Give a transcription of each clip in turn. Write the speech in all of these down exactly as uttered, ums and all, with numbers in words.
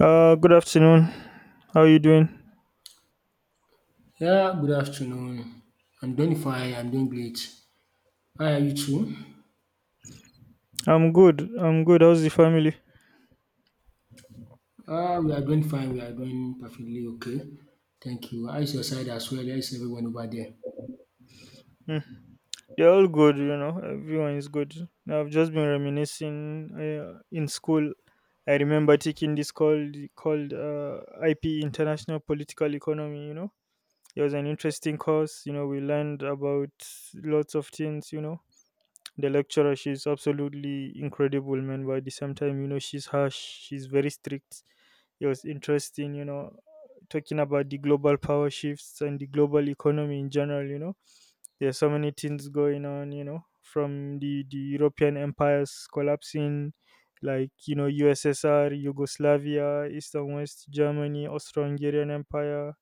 Uh, good afternoon. How you doing? Yeah, good afternoon. I'm doing fine. I'm doing great. How are you too? I'm good. I'm good. How's the family? Uh, we are doing fine. We are doing perfectly okay. Thank you. How is your side as well? How is everyone over there? Hmm. They're all good, you know. Everyone is good. I've just been reminiscing uh, in school. I remember taking this called called uh, I P, International Political Economy. You know, it was an interesting course. You know, we learned about lots of things. You know, the lecturer, she's absolutely incredible, man, but at the same time, you know, she's harsh, she's very strict. It was interesting, you know, talking about the global power shifts and the global economy in general. You know, there are so many things going on, you know, from the the European empires collapsing, like, you know, USSR, Yugoslavia, East and West Germany, Austro-Hungarian Empire,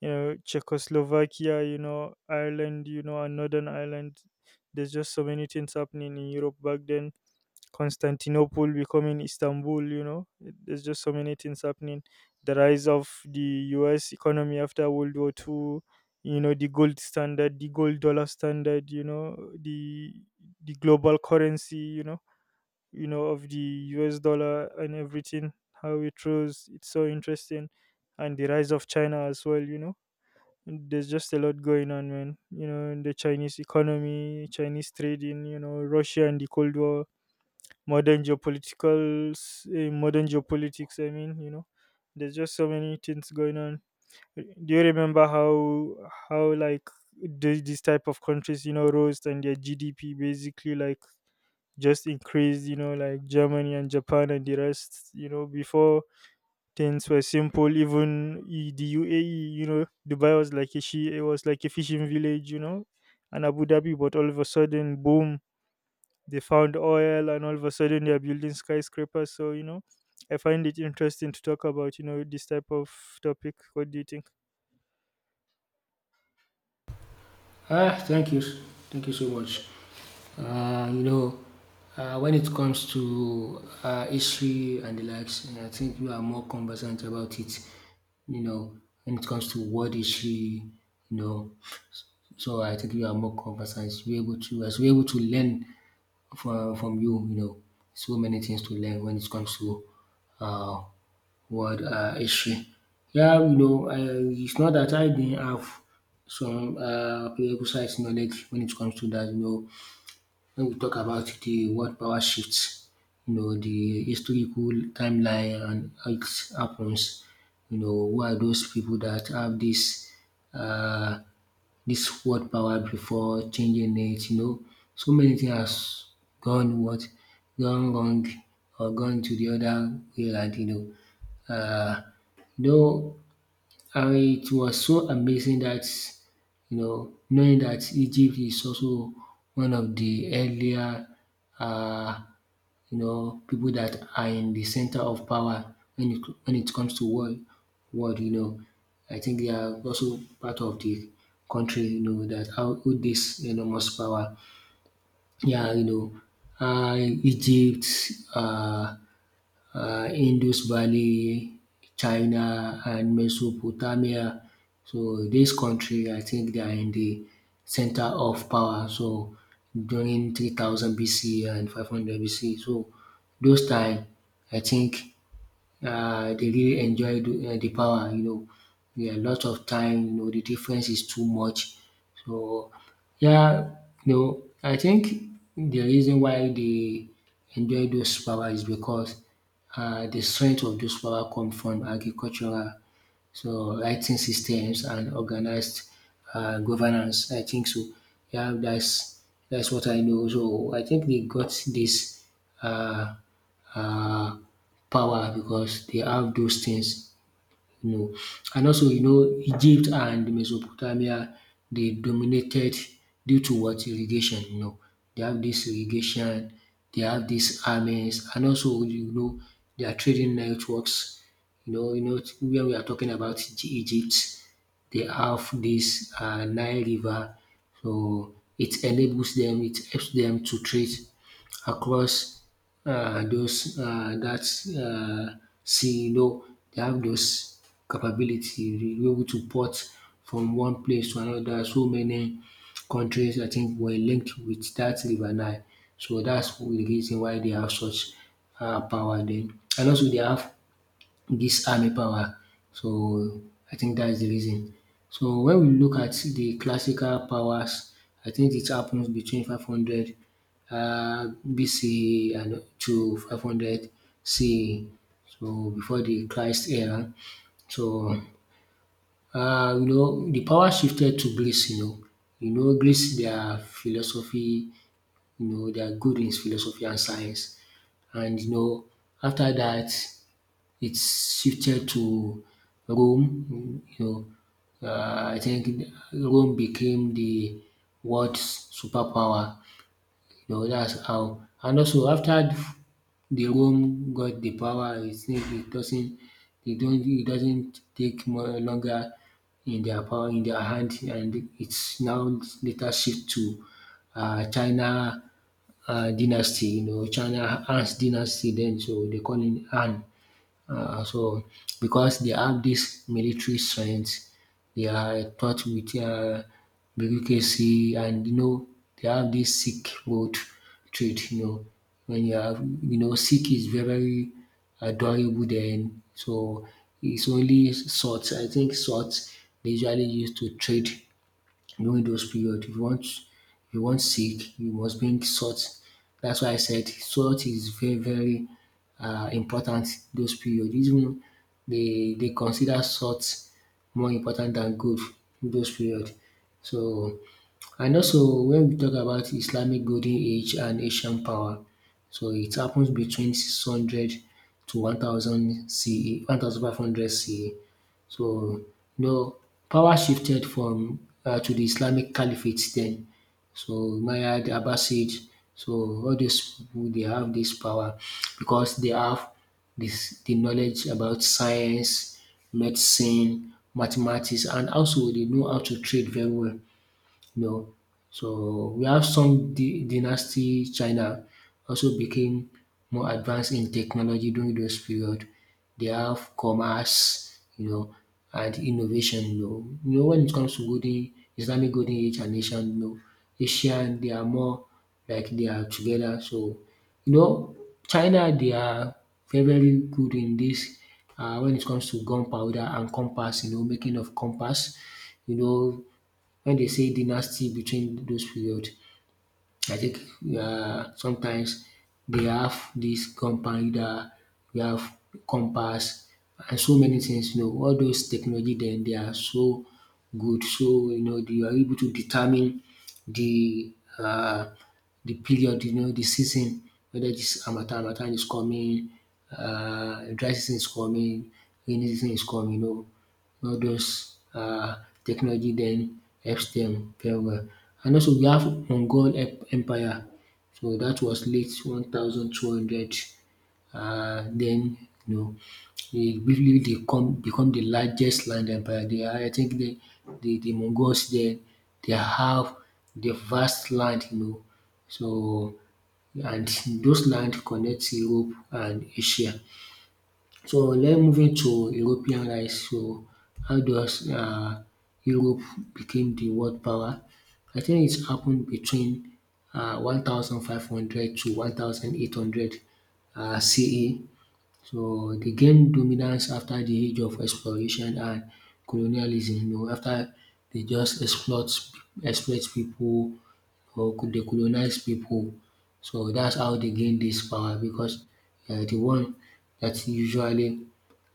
you know, Czechoslovakia, you know, Ireland, you know, and Northern Ireland. There's just so many things happening in Europe back then. Constantinople becoming Istanbul, you know, there's just so many things happening. The rise of the US economy after World War Two, you know, the gold standard, the gold dollar standard, you know, the the global currency, you know, you know, of the US dollar, and everything, how it rose. It's so interesting. And the rise of China as well, you know, there's just a lot going on, man. You know, the Chinese economy, Chinese trading, you know, Russia and the Cold War, modern geopolitical, uh, modern geopolitics. I mean, you know, there's just so many things going on. Do you remember how how like the, these type of countries, you know, rose and their G D P basically like just increased? You know, like Germany and Japan and the rest. You know, before, things were simple. Even i- the U A E, you know, Dubai was like a she, it was like a fishing village, you know, and Abu Dhabi. But all of a sudden, boom, they found oil, and all of a sudden they are building skyscrapers. So you know, I find it interesting to talk about, you know, this type of topic. What do you think? Ah, thank you. Thank you so much. Uh, you know, uh, when it comes to uh, history and the likes, I think you are more conversant about it. You know, when it comes to world history, you know. So I think you are more conversant. You're able to as we're able to learn from from you, you know, so many things to learn when it comes to uh, world uh, history. Yeah, you know, I, it's not that I didn't have some uh, prerequisite knowledge when it comes to that, you know, when we talk about the world power shifts, you know, the historical timeline and how it happens, you know, who are those people that have this uh, this world power before changing it, you know. So many things has gone what gone wrong or gone to the other way around, you know. Uh, you know. And it was so amazing that, you know, knowing that Egypt is also one of the earlier, uh, you know, people that are in the center of power when it, when it comes to world, world, you know. I think they are also part of the country, you know, that output this enormous power. Yeah, you know, uh, Egypt, uh, uh, Indus Valley, China and Mesopotamia. So this country I think they are in the center of power so during three thousand B C and five hundred B C, so those time I think uh, they really enjoy the, uh, the power. You know, yeah, a lot of time. You know, the difference is too much. So yeah, you know, I think the reason why they enjoy those power is because uh, the strength of those power come from agricultural, so writing systems and organized uh, governance. I think so. Yeah, that's that's what I know. So I think they got this uh, uh, power because they have those things, you know. And also, you know, Egypt and Mesopotamia, they dominated due to what? Irrigation, you know. They have this irrigation, they have these armies, and also, you know, their trading networks. You know, you know, when we are talking about Egy- Egypt, they have this uh, Nile River, so it enables them, it helps them to trade across uh, those uh, that uh, sea, you know, they have those capability dey able to port from one place to another. So many countries I think were linked with that river Nile. So that's the reason why they have such um power then, and also they have this army power. So I think that's the reason. So when we look at the classical powers, I think it happens between five hundred uh, B C and to five hundred C E. So before the Christ era. So uh, you know, the power shifted to Greece. You know, you know, Greece their philosophy. You know they are good in philosophy and science, and you know after that it's shifted to Rome. You know, uh, I think Rome became the world's superpower. You know, that's how. And also after the Rome got the power, I it doesn't, they don't it doesn't take more longer in their power in their hand, and it's now later shift to uh, China uh, dynasty. You know, China Han's dynasty. Then so they call it Han. Uh, so because they have this military strength, they are taught with uh, bureaucracy, and you know they have this Sikh road trait. You know when you have you know Sikh is very very adorable then. So it's only swords. I think swords they usually use to trade during those period. If you want if you want sick, you must bring salt. That's why I said salt is very very um important those period. Even they they consider salt more important than gold in those period. So and also when we talk about Islamic golden age and Asian power, so it happens between six hundred to one thousand C E, one thousand five hundred C E. So, you know, power shifted from uh, to the Islamic Caliphate then. So Umayyad, Abbasid, so all these people they have this power because they have this the knowledge about science, medicine, mathematics, and also they know how to trade very well. No. So we have some dy- dynasty China also became more advanced in technology during those period. They have commerce, you know, and innovation. You know, you know when it comes to golden Islamic golden age and Asian, you know, Asian they are more like they are together. So you know, China they are very very good in this uh, when it comes to gunpowder and compass. You know, making of compass. You know Wen dey say dynasty between those period, I think um sometimes dey have dis compounder, we have compass and so many things you know. All those technology dem dey are so good so you know you are able to determine de um the period, you know, the season, whether this harmattan, harmattan is coming, uh, dry season is coming, rainy season is coming, you know. All those uh, technology then helps them very well. And also we have Mongol Em- Empire. So that was late one thousand two hundred. Uh, then, you know, they briefly they come become the largest land empire. They are, I think the, the, the Mongols there, they have the vast land, you know, so, and those land connects Europe and Asia. So, let's move into European rise. So, how does uh Europe became the world power? I think it happened between uh one thousand five hundred to one thousand eight hundred um C E. So, they gained dominance after the age of exploration and colonialism. You know, after they just exploit exploit people or could they colonize people. So that's how they gain this power because they the one that usually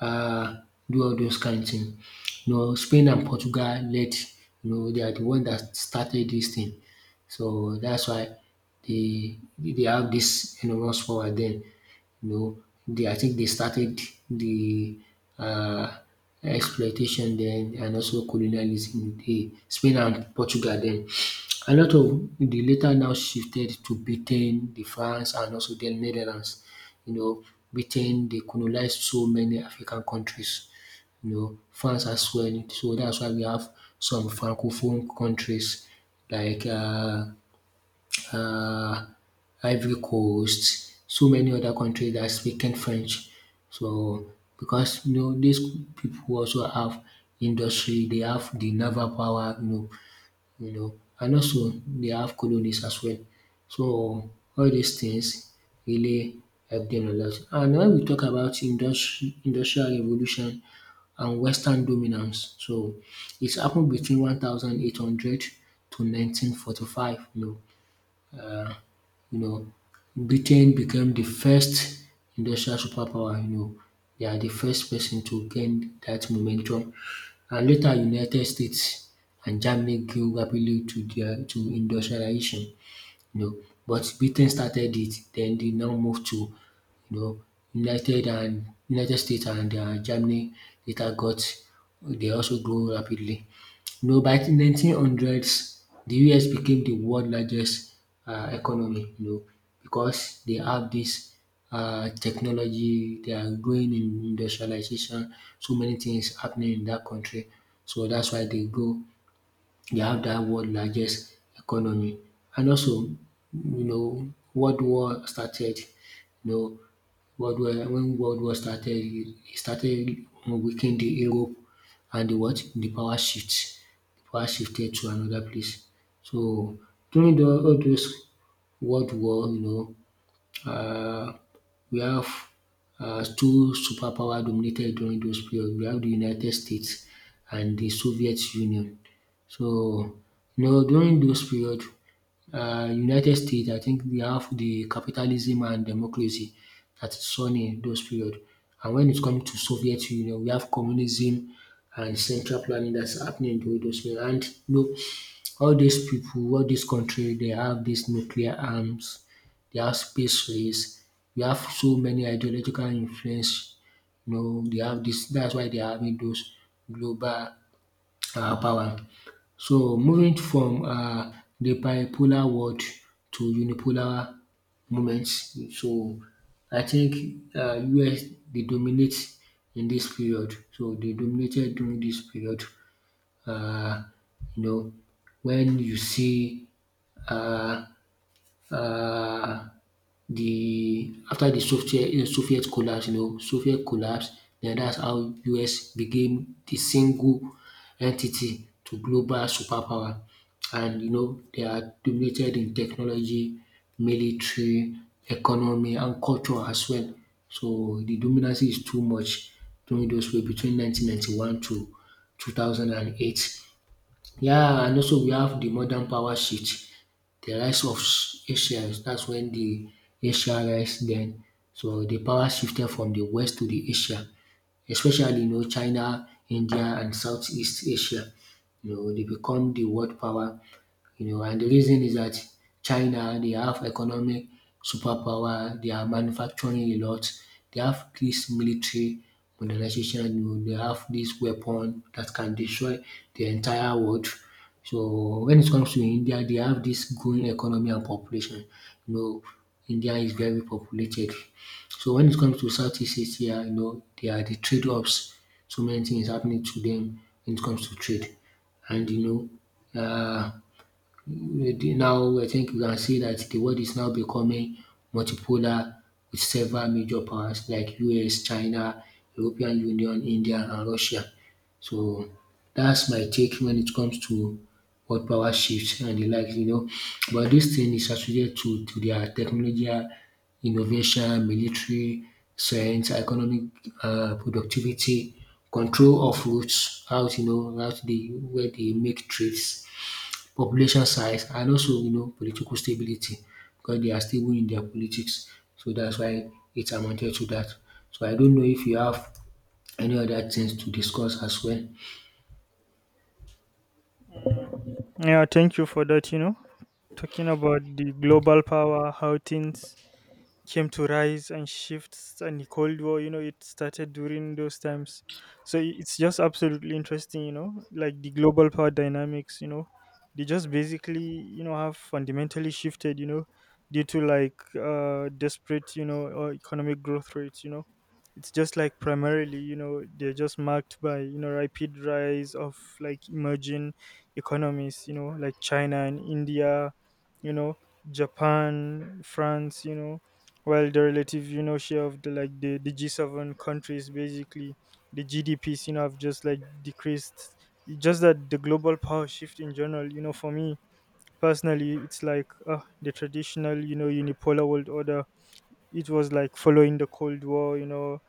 uh, do all those kind thing. You know, Spain and Portugal led, you know, they are the one that started this thing. So that's why they they have this enormous power then. You know, they I think they started the uh, exploitation then and also colonialism. The Spain and Portugal then. A lot of the later now shifted to Britain, the France and also the Netherlands. You know, Britain they colonized so many African countries, you know, France as well. So that's why we have some francophone countries like uh, uh, Ivory Coast, so many other countries that speaking French. So because you know these people also have industry, they have the naval power, you know, you know, and also they have colonies as well. So all these things really help them a lot. And when we talk about industri- industrial revolution and Western dominance, so it's happened between eighteen hundred to nineteen forty-five. You know, uh, you know, Britain became the first industrial superpower, you know, they are the first person to gain that momentum. And later United States and Germany grew rapidly to their to industrialization, you know. But Britain started it, then they now moved to, you know, United and United States and um Germany later got they also grow rapidly. No, by the nineteen hundreds, the U S became the world largest uh, economy, you know, because they have this uh, technology, they are growing in industrialization, so many things happening in that country. So that's why they go, they have that world largest economy. And also, you know, World War started, you know, World War when World War started, it started weakening the Europe and the what? The power shift. The power shifted to another place. So during the, all those world war, you know, uh, we have uh, two superpower dominated during those period. We have the United States and the Soviet Union. So, you know, during those period, uh, United States, I think they have the capitalism and democracy that is shown in those period. And when it comes to Soviet Union, we have communism and central planning that's happening during those period. And you know, all these people, all this country, they have these nuclear arms, they have space race, we have so many ideological influence. You know, they have this. That's why they are having those global uh, power. So moving from uh, the bipolar world to unipolar moments. So I think uh, U S they dominate in this period. So they dominated during this period. Uh, you know, when you see uh, uh, the after the Soviet uh, Soviet collapse, you know, Soviet collapse, then that's how U S became the single entity to global superpower. And you know, they are dominated in technology, military, economy, and culture as well. So the dominance is too much during those way between nineteen ninety-one to two thousand eight. Yeah, and also we have the modern power shift, the rise of s- Asians, that's when the Asia rise then. So the power shifted from the West to the Asia, especially you know China, India and Southeast Asia. You know, they become the world power you know, and the reason is that China, they have economic superpower, they are manufacturing a lot, they have this military modernization, you know, they have this weapon that can destroy the entire world. So when it comes to India, they have this growing economy and population. You know, India is very populated. So when it comes to Southeast Asia, you know, they are the trade hubs. So many things happening to them when it comes to trade. And you know, uh, Maybe now, I think we can see that the world is now becoming multipolar with several major powers like U S, China, European Union, India, and Russia. So that's my take when it comes to world power shifts and the likes, you know. But this thing is associated to, to their technology, innovation, military, science, economic uh, productivity, control of routes, out, you know, out the where they make trades population size, and also you know political stability because they are stable in their politics. So that's why it amounted to that. So I don't know if you have any other things to discuss as well. Yeah, thank you for that. You know, talking about the global power, how things came to rise and shifts, and the Cold War, you know, it started during those times. So i- it's just absolutely interesting, you know, like the global power dynamics, you know, they just basically, you know, have fundamentally shifted, you know, due to like uh desperate, you know, uh, economic growth rates, you know, it's just like primarily, you know, they're just marked by, you know, rapid rise of like emerging economies, you know, like China and India, you know, Japan, France, you know, well, the relative, you know, share of the like the, the G seven countries, basically the G D Ps, you know, have just like decreased. It's just that the global power shift in general, you know, for me personally, it's like, uh, the traditional, you know, unipolar world order, it was like following the Cold War, you know,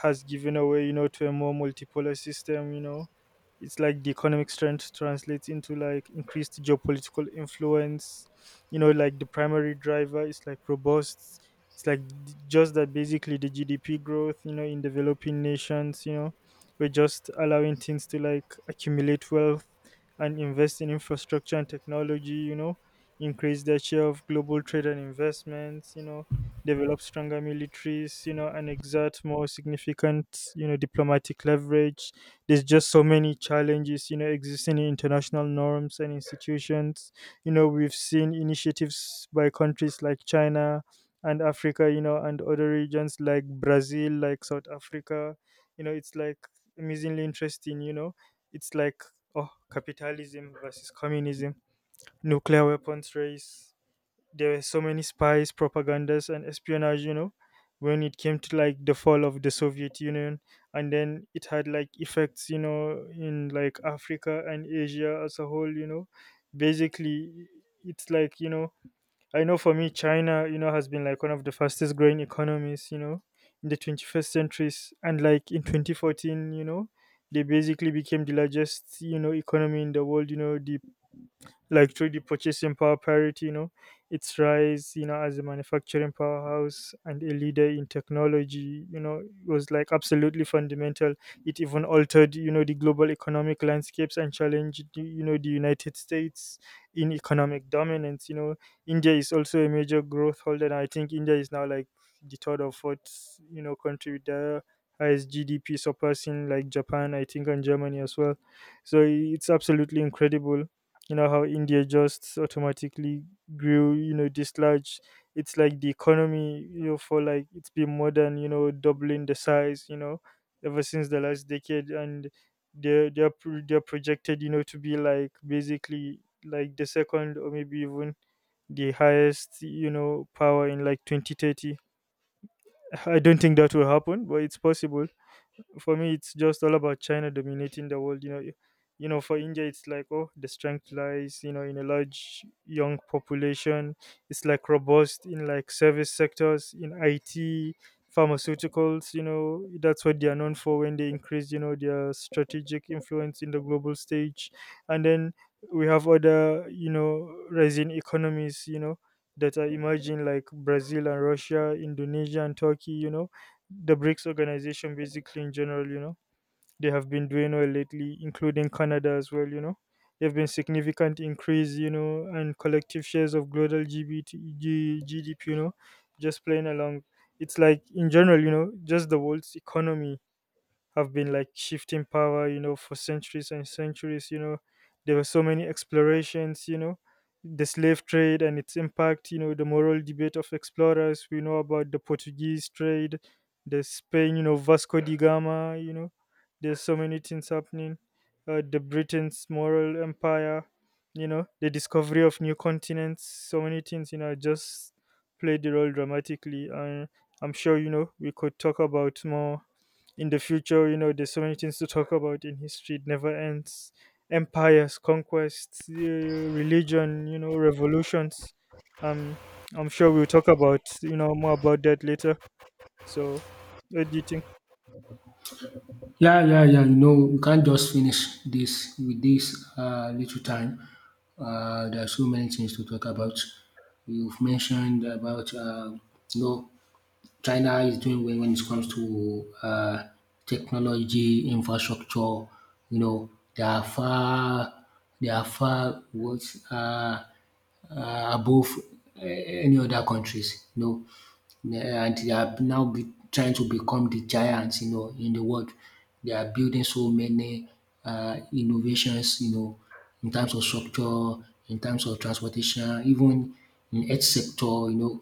has given away, you know, to a more multipolar system, you know. It's like the economic strength translates into like increased geopolitical influence, you know, like the primary driver is like robust, it's like d- just that basically the GDP growth, you know, in developing nations, you know, we're just allowing things to like accumulate wealth and invest in infrastructure and technology, you know, increase their share of global trade and investments, you know, develop stronger militaries, you know, and exert more significant, you know, diplomatic leverage. There's just so many challenges, you know, existing in international norms and institutions. You know, we've seen initiatives by countries like China and Africa, you know, and other regions like Brazil, like South Africa. You know, it's like amazingly interesting, you know. It's like, oh, capitalism versus communism, nuclear weapons race. There were so many spies, propagandas, and espionage, you know, when it came to like the fall of the Soviet Union, and then it had like effects, you know, in like Africa and Asia as a whole, you know. Basically, it's like, you know, I know for me, China, you know, has been like one of the fastest growing economies, you know, in the twenty-first centuries, and like in twenty fourteen, you know, they basically became the largest, you know, economy in the world, you know, the, like through the purchasing power parity, you know, its rise, you know, as a manufacturing powerhouse and a leader in technology, you know, was like absolutely fundamental. It even altered, you know, the global economic landscapes and challenged, the- you know, the United States in economic dominance. You know, India is also a major growth holder. And I think India is now like the third or fourth, you know, country with the highest G D P, surpassing like Japan, I think, and Germany as well. So it's absolutely incredible, you know, how India just automatically grew, you know, this large. It's like the economy, you know, for like, it's been more than, you know, doubling the size, you know, ever since the last decade. And they're they're, pro- they're projected, you know, to be like basically like the second or maybe even the highest, you know, power in like twenty thirty. I don't think that will happen, but it's possible. For me it's just all about China dominating the world, you know. Y- you know, for India, it's like, oh, the strength lies, you know, in a large young population. It's like robust in like service sectors, in I T, pharmaceuticals, you know, that's what they are known for, when they increase, you know, their strategic influence in the global stage. And then we have other, you know, rising economies, you know, that are emerging like Brazil and Russia, Indonesia and Turkey, you know, the BRICS organization, basically in general, you know, they have been doing well lately, including Canada as well, you know. There have been significant increase, you know, and collective shares of global G B T, G D P, you know, just playing along. It's like in general, you know, just the world's economy have been like shifting power, you know, for centuries and centuries. You know, there were so many explorations, you know, the slave trade and its impact, you know, the moral debate of explorers. We know about the Portuguese trade, the Spain, you know, Vasco da Gama, you know, there's so many things happening. Uh, the Britain's moral empire, you know, the discovery of new continents, so many things, you know, just played the role dramatically. And I'm sure, you know, we could talk about more in the future. You know, there's so many things to talk about in history, it never ends. Empires, conquests, uh, religion, you know, revolutions, um I'm sure we'll talk about, you know, more about that later. So what do you think? Yeah, yeah, yeah. You know, we can't just finish this with this uh, little time. Uh, there are so many things to talk about. You've mentioned about uh, you know China is doing well when it comes to uh, technology infrastructure. You know, they are far, they are far what uh, uh, above uh, any other countries. You know, Uh, and they are now be trying to become the giants. You know, in the world, they are building so many uh, innovations. You know, in terms of structure, in terms of transportation, even in health sector. You know,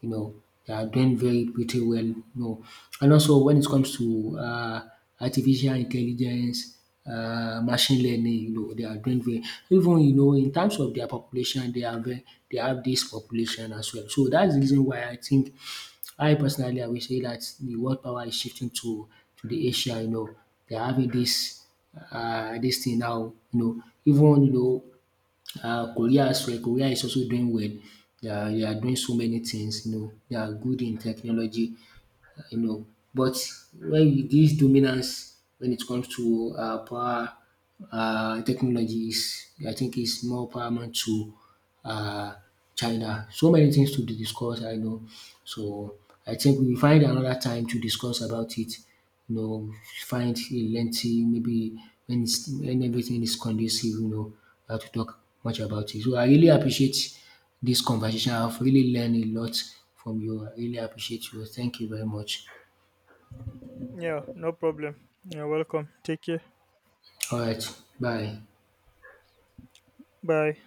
you know, they are doing very pretty well, you know. And also when it comes to uh, artificial intelligence, uh, machine learning, you know, they are doing very even you know in terms of their population, they are very, they have this population as well. So that's the reason why I think I personally I will say that the world power is shifting to to the Asia. You know, they are having this uh, this thing now. You know, even you know uh, Korea as well, Korea is also doing well. They are, they are doing so many things, you know. They are good in technology, uh, you know. But when with this dominance, when it comes to uh, power, uh, technology is, I think, is more paramount to uh, China. So many things to discuss, I know. So I think we will find another time to discuss about it you know, find a lengthy, maybe when, it's, when everything is conducive, you know, how to talk much about it. So I really appreciate this conversation. I've really learned a lot from you. I really appreciate you. Thank you very much. Yeah, no problem. You're welcome. Take care. All right. Bye. Bye.